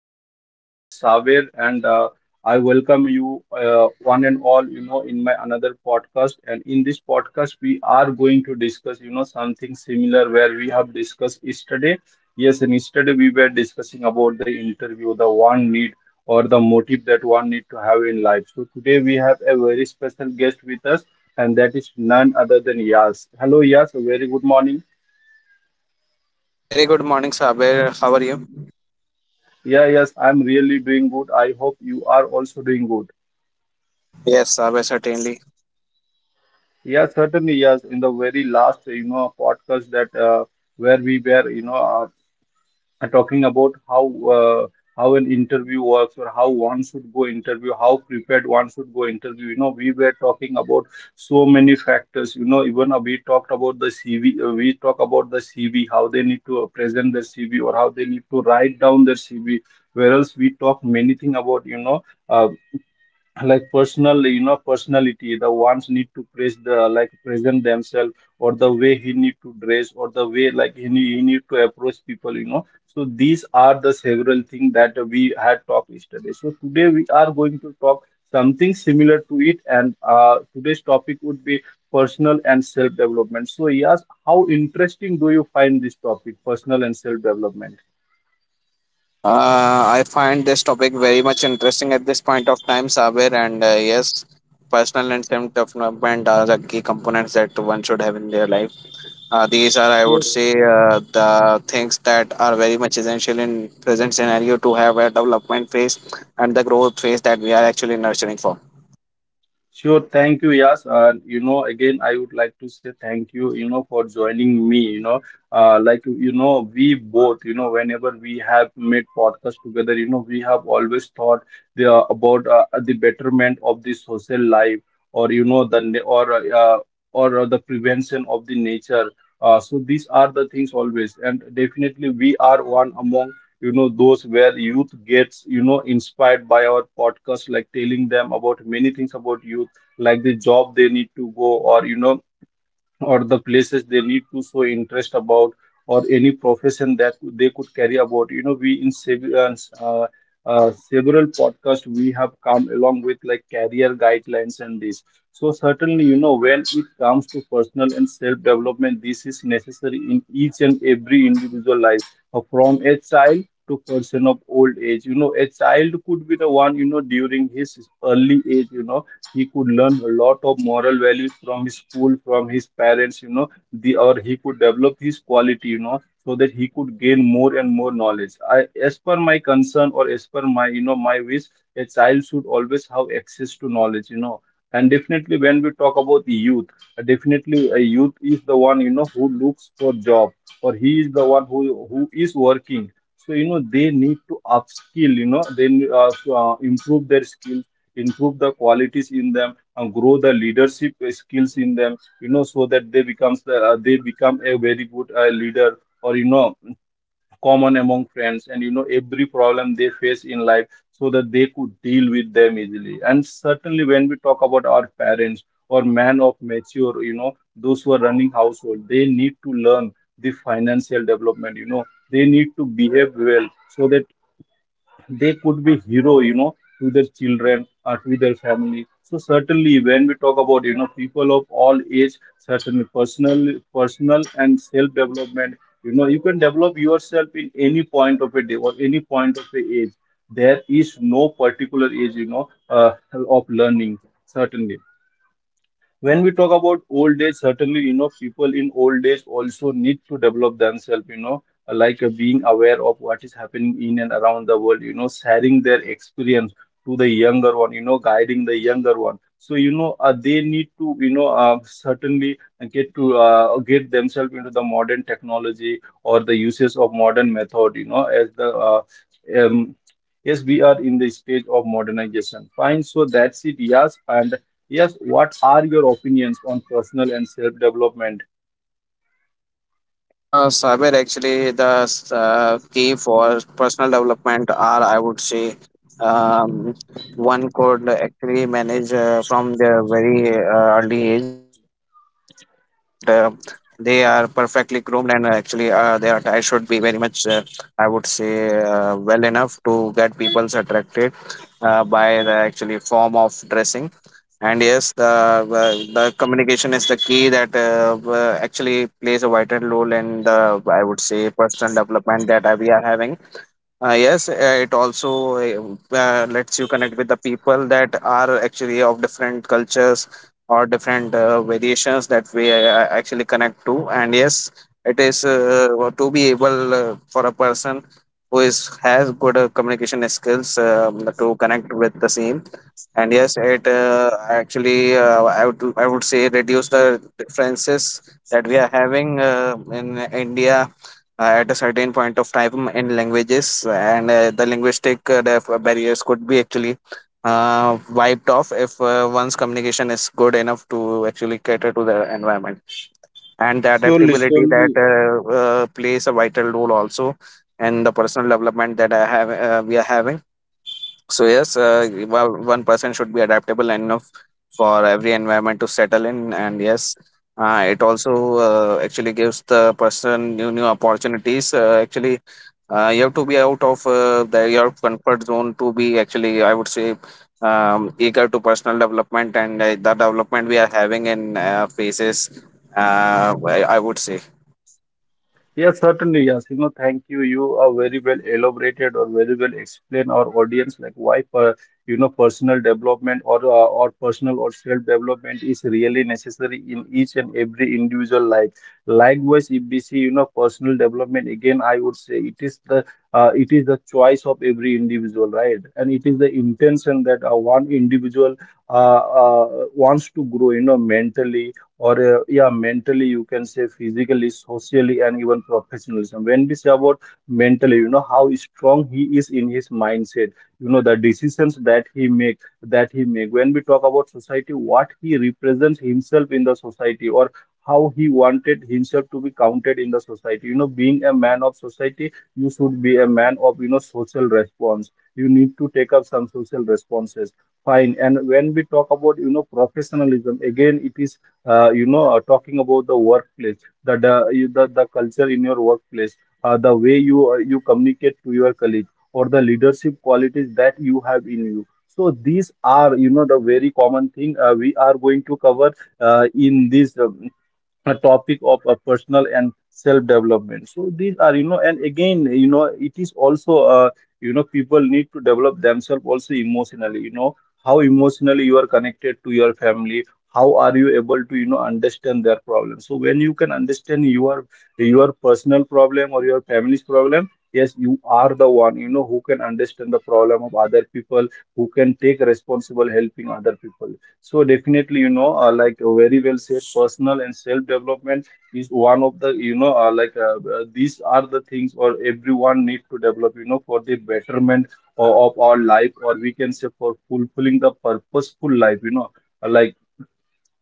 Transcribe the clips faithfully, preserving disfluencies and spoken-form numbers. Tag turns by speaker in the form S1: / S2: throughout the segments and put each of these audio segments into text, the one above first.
S1: This is your host Saver, and uh, I welcome you, uh, one and all, you know, in my another podcast. And in this podcast, we are going to discuss, you know, something similar where we have discussed yesterday. Yes, and yesterday we were discussing about the interview, the one need or the motive that one need to have in life. So today we have a very special guest with us, and that is none other than Yas. Hello, Yas. A very good morning.
S2: Very good morning, Sabir. How are you?
S1: Yeah, yes, I'm really doing good. I hope you are also doing good.
S2: Yes, Sabir, certainly.
S1: Yeah, certainly, yes. In the very last, you know, podcast that uh, where we were, you know, uh, are talking about how uh, how an interview works or how one should go interview, how prepared one should go interview. You know, we were talking about so many factors. You know, even uh, we talked about the C V. Uh, we talk about the C V, how they need to uh, present their C V or how they need to write down their C V. Whereas we talk many thing about, you know. Uh, like personal, you know, personality, the ones need to praise the like present themselves, or the way he need to dress, or the way like he need, he need to approach people, you know. So these are the several things that we had talked yesterday. So today we are going to talk something similar to it, and uh, today's topic would be personal and self development. So yes, how interesting do you find this topic personal and self development?
S2: Uh, I find this topic very much interesting at this point of time, Sabir. And uh, yes, personal and self development are the key components that one should have in their life. Uh, these are, I would
S1: Sure.
S2: say, uh, the things that are very much essential in present scenario to have a development phase and the growth phase that we are actually nurturing for.
S1: Sure, thank you, Yas. And you know, again, I would like to say thank you, you know, for joining me. You know, uh, like you know, we both, you know, whenever we have made podcast together, you know, we have always thought the, about uh, the betterment of the social life, or you know, the na- or uh, or uh, the prevention of the nature. Uh, so these are the things always, and definitely we are one among, you know, those where youth gets, you know, inspired by our podcast, like telling them about many things about youth, like the job they need to go, or you know, or the places they need to show interest about, or any profession that they could carry about, you know. we in sev- uh, uh, uh, Several podcasts we have come along with like career guidelines and this. So certainly, you know, when it comes to personal and self development, this is necessary in each and every individual life, uh, from a child to person of old age. You know, a child could be the one, you know, during his early age, you know, he could learn a lot of moral values from his school, from his parents, you know. The or He could develop his quality, you know, so that he could gain more and more knowledge. I, as per my concern, or as per my, you know, my wish, a child should always have access to knowledge, you know. And definitely when we talk about the youth, definitely a youth is the one, you know, who looks for job, or he is the one who who is working. So you know, they need to upskill, you know, then uh, to, uh, improve their skill, improve the qualities in them, and grow the leadership skills in them, you know, so that they becomes the, uh, they become a very good uh, leader, or you know, common among friends, and you know, every problem they face in life, so that they could deal with them easily. And certainly when we talk about our parents or man of mature, you know, those who are running household, they need to learn the financial development, you know. They need to behave well so that they could be hero, you know, to their children or to their family. So certainly when we talk about, you know, people of all age, certainly personal personal and self development, you know, you can develop yourself in any point of a day or any point of a age. There is no particular age, you know, uh, of learning. Certainly when we talk about old age, certainly, you know, people in old age also need to develop themselves, you know, like uh, being aware of what is happening in and around the world, you know, sharing their experience to the younger one, you know, guiding the younger one. So you know, uh, they need to, you know, uh, certainly get to uh, get themselves into the modern technology or the uses of modern method, you know, as the uh, um, yes, we are in the stage of modernization. Fine, so that's it. Yes, and yes, what are your opinions on personal and self development?
S2: Uh, cyber actually the uh, key for personal development are, I would say, um, one could actually manage uh, from their very uh, early age that uh, they are perfectly groomed and uh, actually uh, their attire should be very much uh, I would say uh, well enough to get people's attracted uh, by the actually form of dressing. And yes, the uh, the communication is the key that uh, uh, actually plays a vital role in the, I would say, personal development that uh, we are having. Uh, yes, uh, it also uh, uh, lets you connect with the people that are actually of different cultures or different uh, variations that we uh, uh, actually connect to. And yes, it is uh, uh, to be able uh, for a person who is has good uh, communication skills um, to connect with the same. And yes, it uh, actually uh, i would i would say reduce the differences that we are having uh, in India uh, at a certain point of time in languages, and uh, the linguistic uh, def- uh, barriers could be actually uh, wiped off if uh, one's communication is good enough to actually cater to the environment and the
S1: Surely,
S2: adaptability that
S1: surely,
S2: uh, uh, plays a vital role also in the personal development that I have uh, we are having. So yes, uh, well, one person should be adaptable enough for every environment to settle in, and yes, uh, it also uh, actually gives the person new new opportunities. Uh, actually, uh, you have to be out of uh, the, your comfort zone to be actually, I would say, um, eager to personal development and uh, the development we are having in uh, phases. Uh, I, I would say.
S1: yes, certainly, Yasino. Thank you. You are very well elaborated or very well explain our audience like why, per, you know, personal development, or uh, or personal or self development is really necessary in each and every individual life. Likewise, if we see, you know, personal development again, I would say it is the uh, it is the choice of every individual, right? And it is the intention that uh, one individual uh, uh, wants to grow, you know, mentally, or uh, yeah, mentally, you can say physically, socially, and even professionalism. When we say about mentally, you know, how strong he is in his mindset, you know, the decisions that he make that he make. When we talk about society, what he represents himself in the society, or how he wanted himself to be counted in the society, you know, being a man of society, you should be a man of, you know, social response. You need to take up some social responses, fine. And when we talk about, you know, professionalism, again, it is uh, you know, uh, talking about the workplace, the the, you- the the culture in your workplace, uh, the way you uh, you communicate to your colleague, or the leadership qualities that you have in you. So these are, you know, the very common thing uh, we are going to cover uh, in this um, a topic of uh, personal and self development. So these are, you know, and again, you know, it is also uh, you know, people need to develop themselves also emotionally, you know, how emotionally you are connected to your family, how are you able to, you know, understand their problem. So when you can understand your your personal problem or your family's problem, yes, you are the one, you know, who can understand the problem of other people, who can take responsible helping other people. So definitely, you know, uh, like uh, very well said, personal and self development is one of the, you know, uh, like uh, uh, these are the things or everyone need to develop, you know, for the betterment of, of our life, or we can say for fulfilling the purposeful life, you know. Uh, like,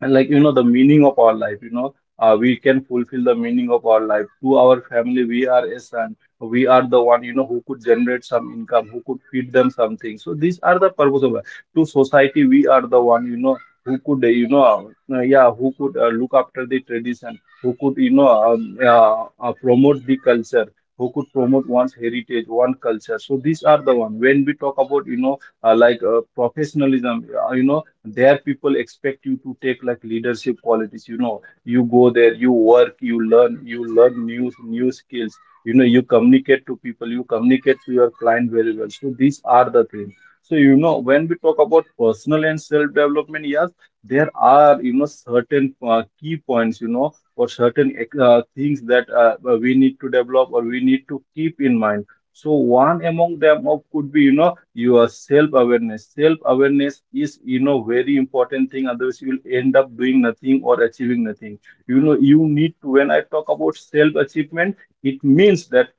S1: and like you know, the meaning of our life, you know, uh, we can fulfill the meaning of our life to our family. We are a son, we are the one, you know, who could generate some income, who could feed them something. So these are the purpose of life. To society, we are the one, you know, who could uh, you know, uh, yeah, who could uh, look after the tradition, who could, you know, um, uh, uh, promote the culture, who could promote one's heritage, one culture. So these are the one. When we talk about, you know, uh, like uh, professionalism, uh, you know, there people expect you to take like leadership qualities. You know, you go there, you work, you learn, you learn new new skills. You know, you communicate to people, you communicate to your client very well. So these are the things. So you know, when we talk about personal and self-development, yes, there are, you know, certain uh, key points. You know, or certain uh, things that uh, we need to develop or we need to keep in mind. So one among them of could be, you know, your self awareness. Self awareness is, you know, very important thing, otherwise you will end up doing nothing or achieving nothing. You know, you need to, when I talk about self achievement, it means that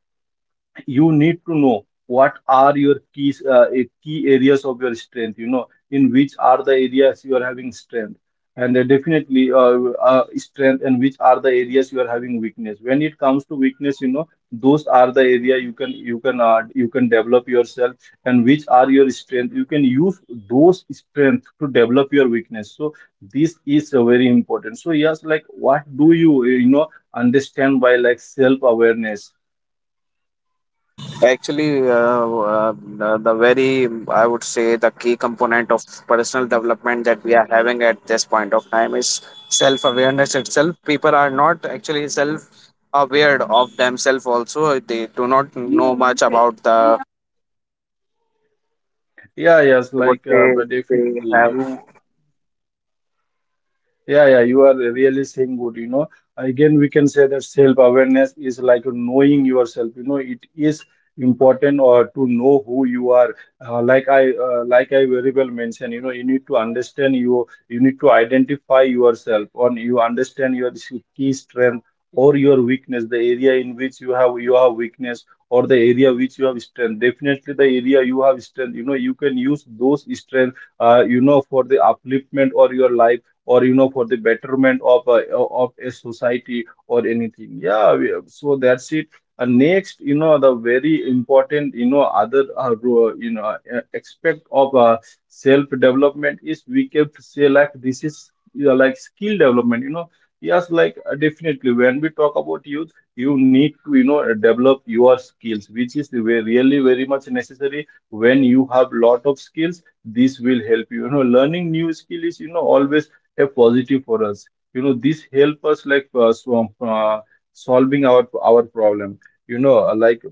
S1: you need to know what are your keys uh, eh, key areas of your strength. You know, in which are the areas you are having strength. And uh, definitely uh, uh, strength, and which are the areas you are having weakness. When it comes to weakness, you know, those are the area you can, you can uh, you can develop yourself. And which are your strength, you can use those strength to develop your weakness. So this is uh, very important. So yes, like what do you uh, you know understand by, like, self awareness?
S2: Actually, uh, uh, the the very, I would say, the key component of personal development that we are having at this point of time is self awareness itself. People are not actually self aware of themselves, also. They do not know much about the,
S1: Yeah, yes,
S2: I would
S1: like uh,
S2: say,
S1: but
S2: they
S1: definitely
S2: have.
S1: you. Yeah, yeah, you are really saying good. You know, again, we can say that self-awareness is like knowing yourself. You know, it is important, or to know who you are. Uh, like I, uh, like I very well mentioned. You know, you need to understand you. You need to identify yourself, or you understand your key strength or your weakness, the area in which you have you have weakness, or the area which you have strength. Definitely, the area you have strength, you know, you can use those strength uh, you know, for the upliftment or your life, or, you know, for the betterment of a, of a society or anything. Yeah we- so that's it. And next, you know, the very important, you know, other uh, ro- you know uh, aspect of uh, self development is, we can say, like this is, you know, like skill development, you know. Yes, like uh, definitely when we talk about youth, you need to, you know, develop your skills, which is ve- really very much necessary. When you have lot of skills, this will help you, you know. Learning new skill is, you know, always a positive for us. You know, this help us like uh, so, uh, solving our our problem. You know uh, like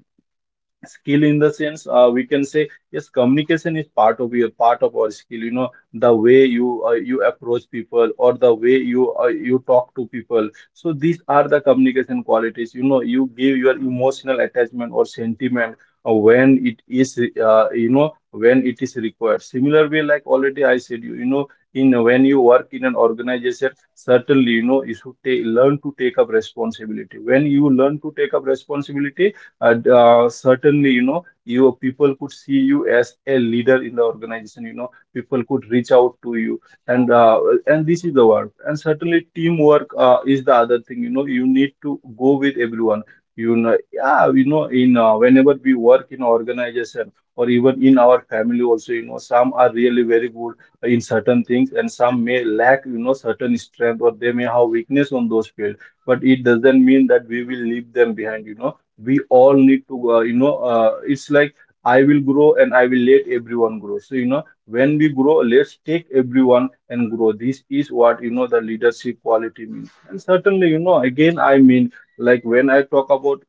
S1: skill in the sense, uh, we can say, yes, communication is part of your part of our skill. You know, the way you uh, you approach people, or the way you uh, you talk to people. So these are the communication qualities, you know. You give your emotional attachment or sentiment uh, when it is uh, you know, when it is required. Similar way, like already I said, you you know, in when you work in an organization, certainly, you know, you should take, learn to take up responsibility. When you learn to take up responsibility, and, uh, certainly, you know, you people could see you as a leader in the organization. You know, people could reach out to you, and uh, and this is the work. And certainly, teamwork uh, is the other thing. You know, you need to go with everyone. You know, yeah, you know, in uh, whenever we work in organization, or even in our family, also, you know, some are really very good in certain things, and some may lack, you know, certain strength, or they may have weakness on those fields. But it doesn't mean that we will leave them behind. You know, we all need to uh, you know uh, it's like, I will grow and I will let everyone grow. So you know, when we grow, let's take everyone and grow. This is what, you know, the leadership quality means. And certainly, you know, again I mean, like when I talk about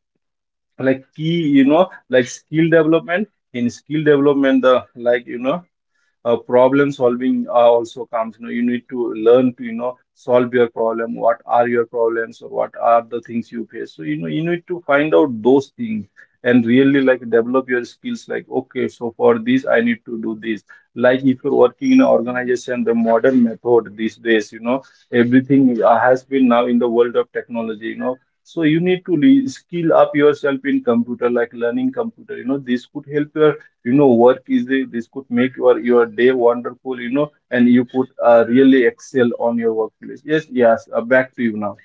S1: like key, you know, like skill development, in skill development the, like, you know, uh, problem solving uh, also comes. You know, you need to learn to, you know, solve your problem. What are your problems, or what are the things you face? So you know, you need to find out those things, and really like develop your skills. Like, okay, so for this I need to do this. Like if you're working in an organization, the modern method these days, you know, everything uh, has been now in the world of technology. You know, so you need to re- skill up yourself in computer, like learning computer. You know, this could help your, you know, work is a, this could make your your day wonderful. You know, and you could uh, really excel on your workplace. Yes, yes, uh, back to you now.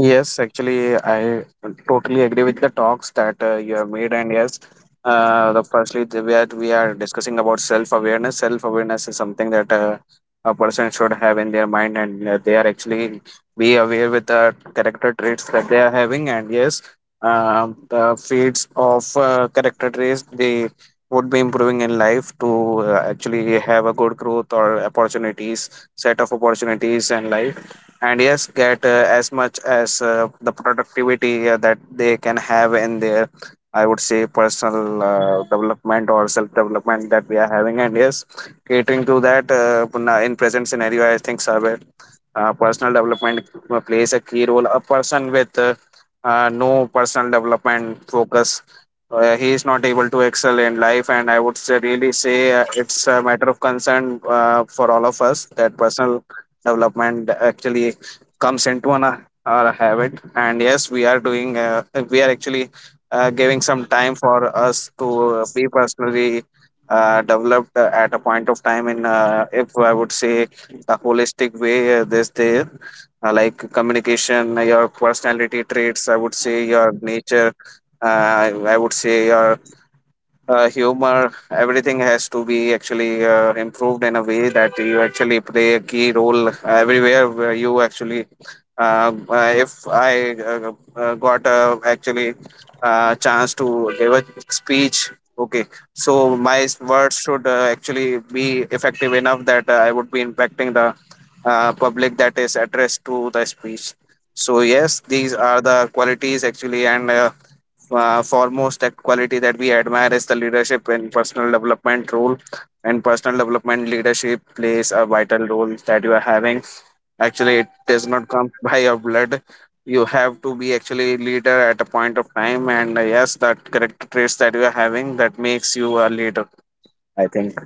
S2: Yes, actually, I totally agree with the talks that uh, you have made, and yes. Uh, the firstly, the, we are, we are discussing about self awareness. Self awareness is something that uh, a person should have in their mind, and uh, they are actually be aware with the character traits that they are having. And yes, um, the fields of uh, character traits they would be improving in life to uh, actually have a good growth or opportunities, set of opportunities in life, and yes, get uh, as much as uh, the productivity uh, that they can have in their, I would say, personal uh, development or self development that we are having. And yes, catering to that uh, puna- in present scenario, I think survey uh, personal development uh, plays a key role. A person with uh, uh, no personal development focus, uh, he is not able to excel in life. And I would say, really say uh, it's a matter of concern uh, for all of us that personal development actually comes into an, uh, our habit. And yes, we are doing, uh, we are actually uh, giving some time for us to be personally uh, developed uh, at a point of time in, uh, if I would say, the holistic way. Uh, this there, uh, like communication, uh, your personality traits, I would say your nature, uh, I would say your uh, humor, everything has to be actually uh, improved in a way that you actually play a key role everywhere where you actually uh, uh, if I uh, uh, got uh, actually uh, chance to give a speech. Okay, so my s- words should uh, actually be effective enough that uh, I would be impacting the uh, public that is addressed to the speech. So yes, these are the qualities actually. And uh, uh, foremost act- quality that we admire is the leadership and personal development role. And personal development leadership plays a vital role that you are having. Actually, it does not come by your blood. You have to be actually leader at a point of time, and uh, yes, that correct traits that you are having that makes you a leader, I think.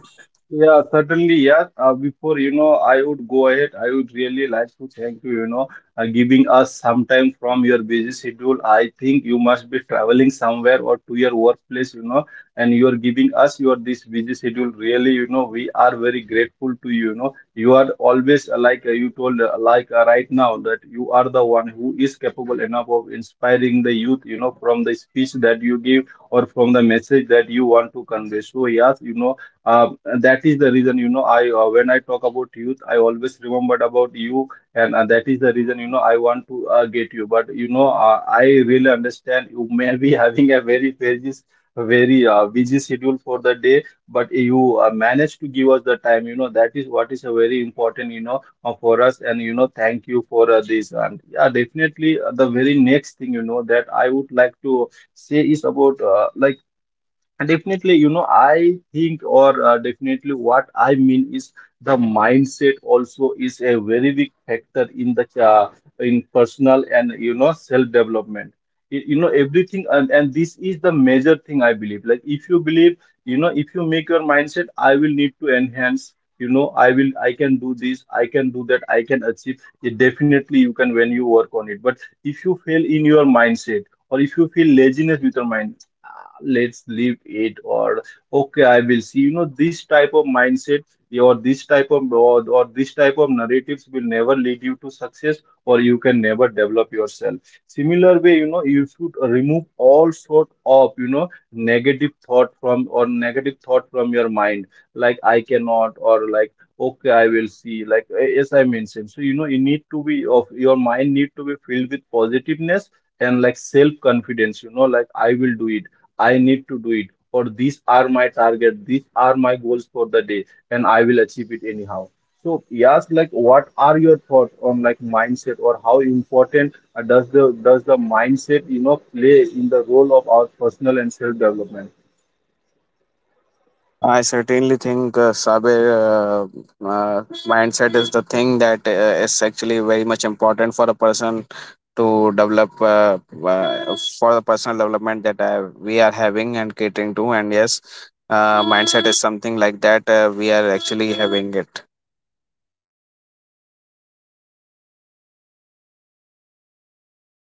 S1: Yeah, certainly. Yeah. Uh, before, you know, I would go ahead, I would really like to thank you, you know, uh, giving us some time from your busy schedule. I think you must be traveling somewhere or to your workplace, you know, and you are giving us your this busy schedule. Really, you know, we are very grateful to you. You know, you are always uh, like uh, you told, uh, like uh, right now, that you are the one who is capable enough of inspiring the youth, you know, from the speech that you give or from the message that you want to convey. So, yes, you know, uh, and that is the reason, you know, I uh, when I talk about youth, I always remembered about you. And uh, that is the reason, you know, I want to uh, get you. But you know, uh, I really understand you may be having a very busy, very uh, busy schedule for the day. But you uh, managed to give us the time. You know, that is what is a very important, you know, uh, for us. And you know, thank you for uh, this. And yeah, definitely, uh, the very next thing, you know, that I would like to say is about uh, like, definitely, you know, I think, or uh, definitely what I mean is the mindset also is a very big factor in the uh, in personal and you know self-development. You, you know everything, and, and this is the major thing I believe. Like if you believe, you know, if you make your mindset, I will need to enhance. You know, I will, I can do this, I can do that, I can achieve it. Definitely, you can when you work on it. But if you fail in your mindset, or if you feel laziness with your mind, "Ah, let's leave it", or "okay I will see", you know, this type of mindset or this type of, or, or this type of narratives will never lead you to success, or you can never develop yourself. Similar way, you know, you should remove all sort of, you know, negative thought from, or negative thought from your mind. Like, I cannot, or like, okay I will see, like eh, as I mentioned. So you know, you need to be of your mind, need to be filled with positiveness and like self confidence. You know, like I will do it, I need to do it, or these are my target, these are my goals for the day, and I will achieve it anyhow. So yes, like what are your thoughts on like mindset, or how important uh, does the does the mindset, you know, play in the role of our personal and self development?
S2: I certainly think, uh, Sabir, uh, uh, mindset is the thing that uh, is actually very much important for a person to develop uh, uh, for the personal development that uh, we are having and catering to. And yes, uh, mindset is something like that. Uh, we are actually having it.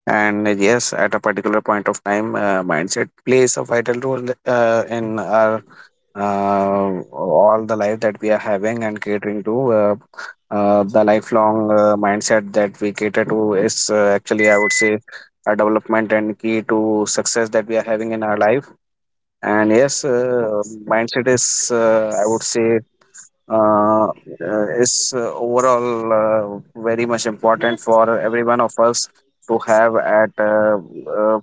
S2: And yes, at a particular point of time, uh, mindset plays a vital role uh, in our uh, all the life that we are having and catering to. Uh, uh, the lifelong uh, mindset that we cater to is uh, actually, I would say, a development and key to success that we are having in our life. And yes, uh, mindset is, uh, I would say, uh, is uh, overall uh, very much important for every one of us to have at, uh, uh,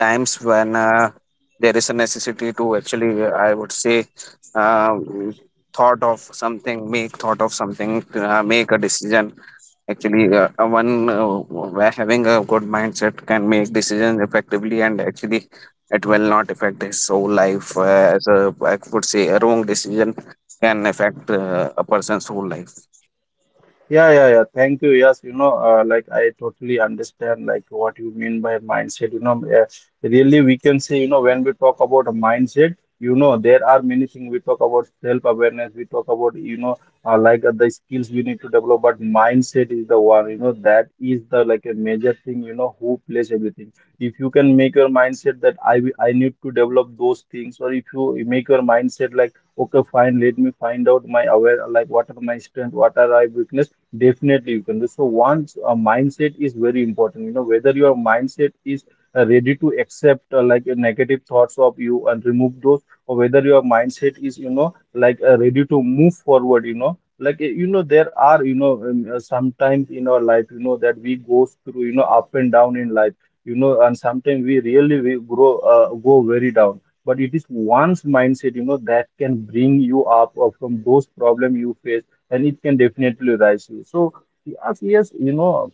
S2: times when uh, there is a necessity to actually, uh, I would say, um, thought of something, make thought of something, uh, make a decision. Actually, uh, uh, one uh, where having a good mindset can make decisions effectively, and actually it will not affect his whole life. Uh, as a, I would say, a wrong decision can affect uh, a person's whole life.
S1: Yeah, yeah, yeah. Thank you. Yes, you know, uh, like I totally understand like what you mean by mindset. You know, uh, really we can say, you know, when we talk about a mindset, you know, there are many things. We talk about self-awareness, we talk about, you know, uh, like uh, the skills we need to develop. But mindset is the one, you know, that is the like a major thing, you know, who plays everything. If you can make your mindset that I will- I need to develop those things, or if you make your mindset like, okay, fine, let me find out my aware, like what are my strengths, what are I weakness. Definitely, you can. So once, a mindset is very important, you know, whether your mindset is uh, ready to accept, uh, like uh, negative thoughts of you and remove those, or whether your mindset is, you know, like uh, ready to move forward. You know, like eh, you know there are you know um, uh, sometimes in our life, you know, that we go through, you know, up and down in life. You know, and sometimes we really we grow uh, go very down, but it is one's mindset, you know, that can bring you up uh, from those problem you face. And it can definitely rise you. So yes, yes, you know,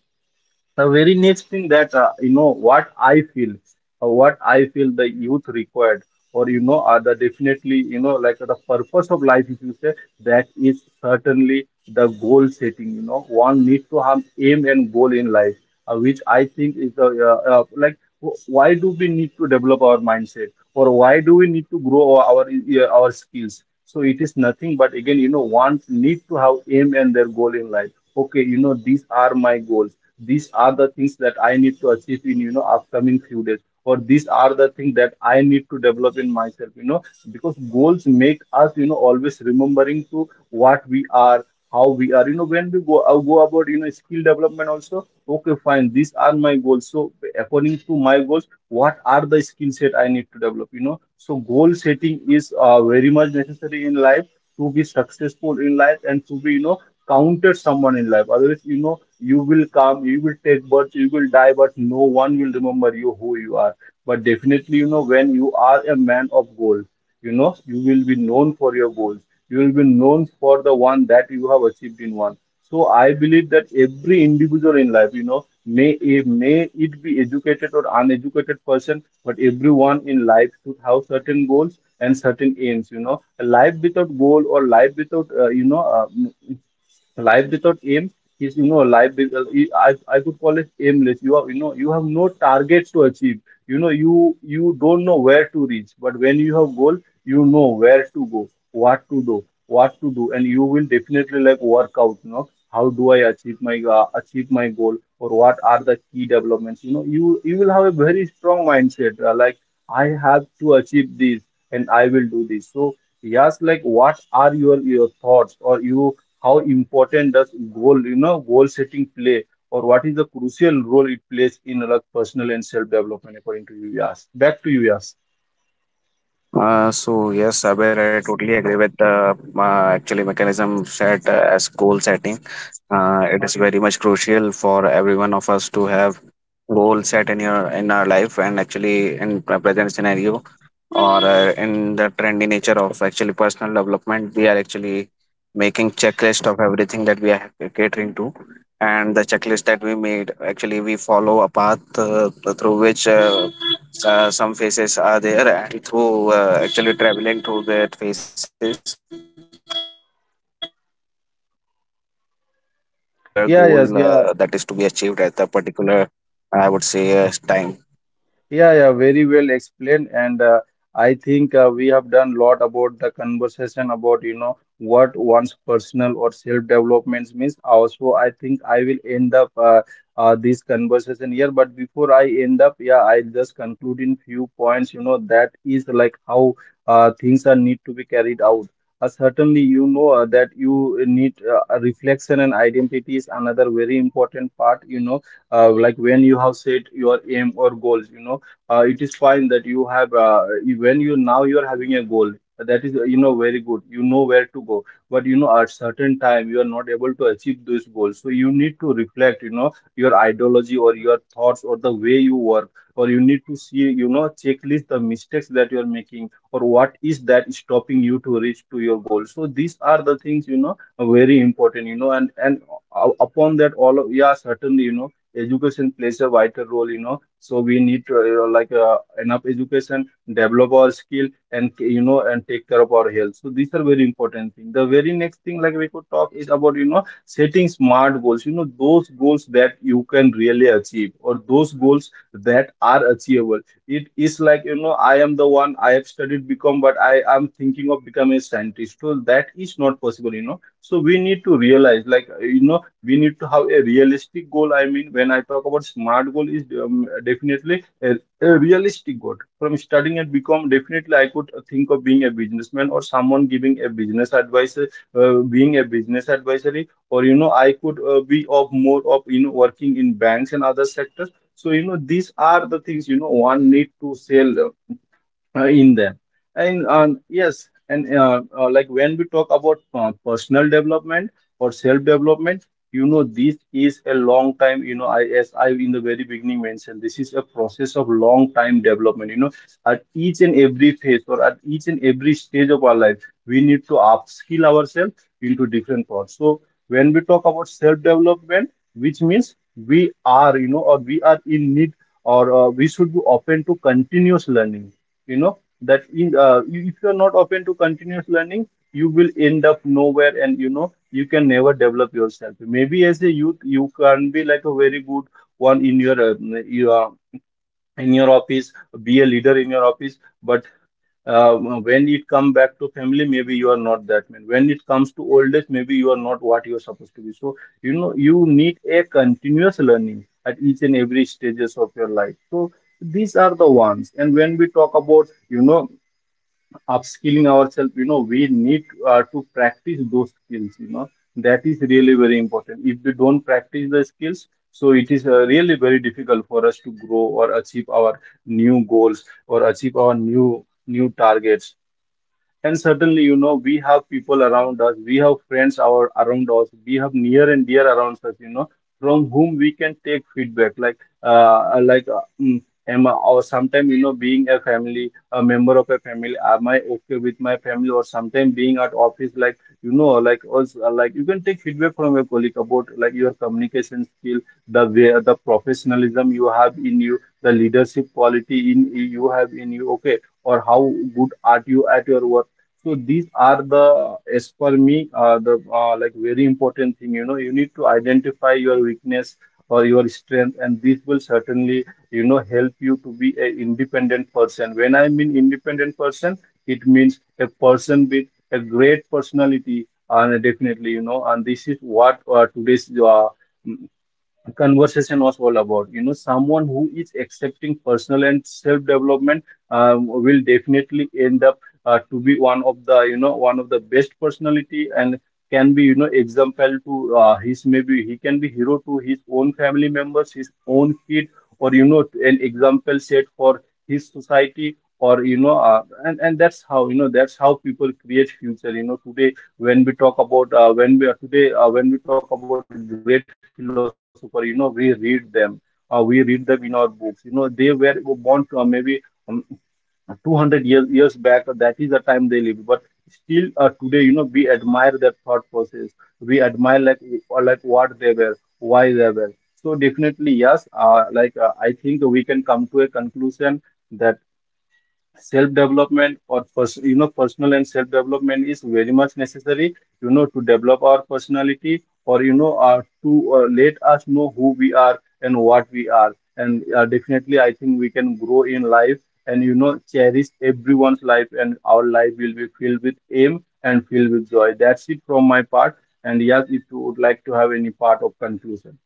S1: the very next thing that uh, you know what I feel, uh, what I feel the youth required, or you know, are the definitely, you know, like the purpose of life. If you say, that is certainly the goal setting. You know, one needs to have aim and goal in life, uh, which I think is the uh, uh, like wh- why do we need to develop our mindset, or why do we need to grow our our, uh, our skills? So it is nothing but again, you know, one need to have aim and their goal in life. Okay, you know, these are my goals. These are the things that I need to achieve in, you know, upcoming few days, or these are the things that I need to develop in myself. You know, because goals make us you know always remembering to what we are, how we are, you know when we go uh, go about you know skill development also. Okay, fine, these are my goals. So according to my goals, what are the skill set I need to develop? You know so goal setting is uh, very much necessary in life to be successful in life and to be you know counted someone in life. Otherwise, you know you will come, you will take birth, you will die, but no one will remember you who you are. But definitely, you know when you are a man of goal, you know you will be known for your goals. You will be known for the one that you have achieved in one. So I believe that every individual in life, you know may it, may it be educated or uneducated person, but everyone in life should have certain goals and certain aims. You know a life without goal, or life without uh, you know uh, life without aim, is, you know, life. be- I I could call it aimless. You are, you know, you have no targets to achieve. You know, you you don't know where to reach. But when you have goal, you know where to go, what to do, what to do, and you will definitely like work out. You know, how do I achieve my uh, achieve my goal, or what are the key developments? You know, you you will have a very strong mindset. Uh, like I have to achieve this, and I will do this. So yes, like, what are your your thoughts? Or you How important does goal, you know, goal setting play, or what is the crucial role it plays in like personal and self development, according to you, Yas? Back to you, Yas.
S2: Uh, so yes, Abir, I totally agree with the uh, actually mechanism set uh, as goal setting. Uh, it is very much crucial for every one of us to have goal set in your in our life. And actually, in pre- present scenario, or uh, in the trendy nature of actually personal development, we are actually making checklist of everything that we are catering to. And the checklist that we made, actually, we follow a path uh, through which uh, uh, some faces are there, and through uh, actually traveling through that faces, we are actually given uh, particular goal uh, that is to be
S1: Yeah,
S2: achieved
S1: yes,
S2: at a
S1: yeah.
S2: particular, I would say, uh, time.
S1: Yeah, yeah, very well explained. And uh, I think uh, we have done lot about the conversation about, you know, what one's personal or self-development means. Also, I think I will end up, uh, uh, this conversation here. But before I end up, yeah, I just conclude in few points, you know, that is like how uh, things are need to be carried out. Uh, certainly, you know uh, that you need uh, a reflection, and identity is another very important part. You know, uh, like, when you have set your aim or goals, you know uh, it is fine that you have, uh, you- when you now you are having a goal, that is, uh, you know very good, you know where to go. But you know at certain time you are not able to achieve those goals, so you need to reflect, you know your ideology or your thoughts or the way you work. Or you need to see, you know checklist the mistakes that you are making, or what is that stopping you to reach to your goal. So these are the things, you know are very important. you know and and uh, upon that all of, yeah, certainly, you know education plays a vital role. You know so we need to, you know, like uh, enough education, develop our skill, and you know and take care of our health. So these are very important thing. The very next thing, like, we could talk is about you know setting smart goals. You know those goals that you can really achieve, or those goals that are achievable. It is like, you know I am the one, I have studied become, but I am thinking of becoming a scientist. So that is not possible. You know so we need to realize, like, you know we need to have a realistic goal. I mean, when I talk about smart goal is, um, definitely a, a realistic goal from studying and become. Definitely I could think of being a businessman, or someone giving a business advice, uh, being a business advisory, or you know I could, uh, be of more of you know working in banks and other sectors. So you know these are the things, you know one need to sell, uh, uh, in them. And, um, yes, and uh, uh, like when we talk about uh, personal development, or self development, you know this is a long time. you know I, as I in the very beginning mentioned, this is a process of long time development. You know at each and every phase, or at each and every stage of our life, we need to upskill ourselves into different parts. So when we talk about self development, which means we are, you know or we are in need, or uh, we should be open to continuous learning. You know that in, uh, you- if you are not open to continuous learning, you will end up nowhere, and you know you can never develop yourself. Maybe as a youth you can be like a very good one in your, uh, in your office, be a leader in your office. But uh, when it come back to family, maybe you are not that man. When it comes to old age, maybe you are not what you are supposed to be. So you know you need a continuous learning at each and every stages of your life. So these are the ones. And when we talk about you know upskilling ourselves, you know we need uh, to practice those skills. You know that is really very important. If we don't practice the skills, so it is uh, really very difficult for us to grow, or achieve our new goals, or achieve our new new targets. And certainly, you know, we have people around us, we have friends our around us, we have near and dear around us, you know, from whom we can take feedback. Like, uh, like, uh, mm, am I? Or sometimes, you know, being a family, a member of a family, am I okay with my family? Or sometimes being at office, like, you know, like, also, uh, like, you can take feedback from your colleague about, like, your communication skill, the way, the professionalism you have in you, the leadership quality in you have in you. Okay, or how good are you at your work? So these are the, as per me, uh, the, uh, like, very important thing. You know, you need to identify your weakness or your strength, and this will certainly, you know, help you to be a independent person. When I mean independent person, it means a person with a great personality. And definitely, you know, and this is what uh, today's uh, conversation was all about. You know, someone who is accepting personal and self-development um, will definitely end up, uh, to be one of the, you know, one of the best personality, and can be, you know, example to, uh, his, maybe he can be hero to his own family members, his own kid, or you know, an example set for his society. Or you know, uh, and and that's how, you know that's how people create future. You know, today when we talk about, uh, when we are today uh, when we talk about great philosopher, you know we read them, uh, we read them in our books. You know they were born to, uh, maybe um, two hundred years years back. Uh, that is the time they lived. But still, uh, today, you know we admire their thought process. We admire, like, or like, what they were, why they were. So definitely, yes, uh, like uh, I think we can come to a conclusion that self development, or first, you know personal and self development, is very much necessary, you know to develop our personality. Or you know uh, to, uh, let us know who we are and what we are. And uh, definitely I think we can grow in life, and you know cherish everyone's life, and our life will be filled with aim and filled with joy. That's it from my part. And yes, if you would like to have any part of conclusion.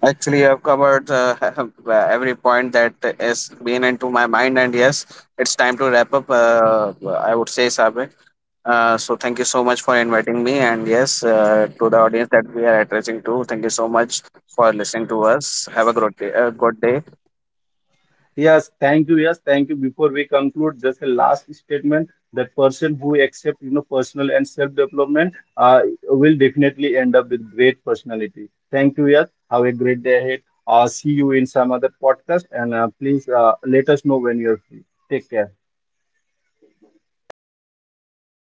S2: Actually, I've covered uh, every point that has been into my mind, and yes, it's time to wrap up. Uh, I would say, Sabir. Uh, so thank you so much for inviting me, and yes, uh, to the audience that we are addressing to, thank you so much for listening to us. Have a good day. Uh, good day.
S1: Yes, thank you. Yes, thank you. Before we conclude, just a last statement that person who accept, you know personal and self development, uh, will definitely end up with great personality. Thank you. Yes, have a great day ahead. Uh, see you in some other podcast, and uh, please uh, let us know when you're free. Take care.
S2: Thank you so much, Sabir.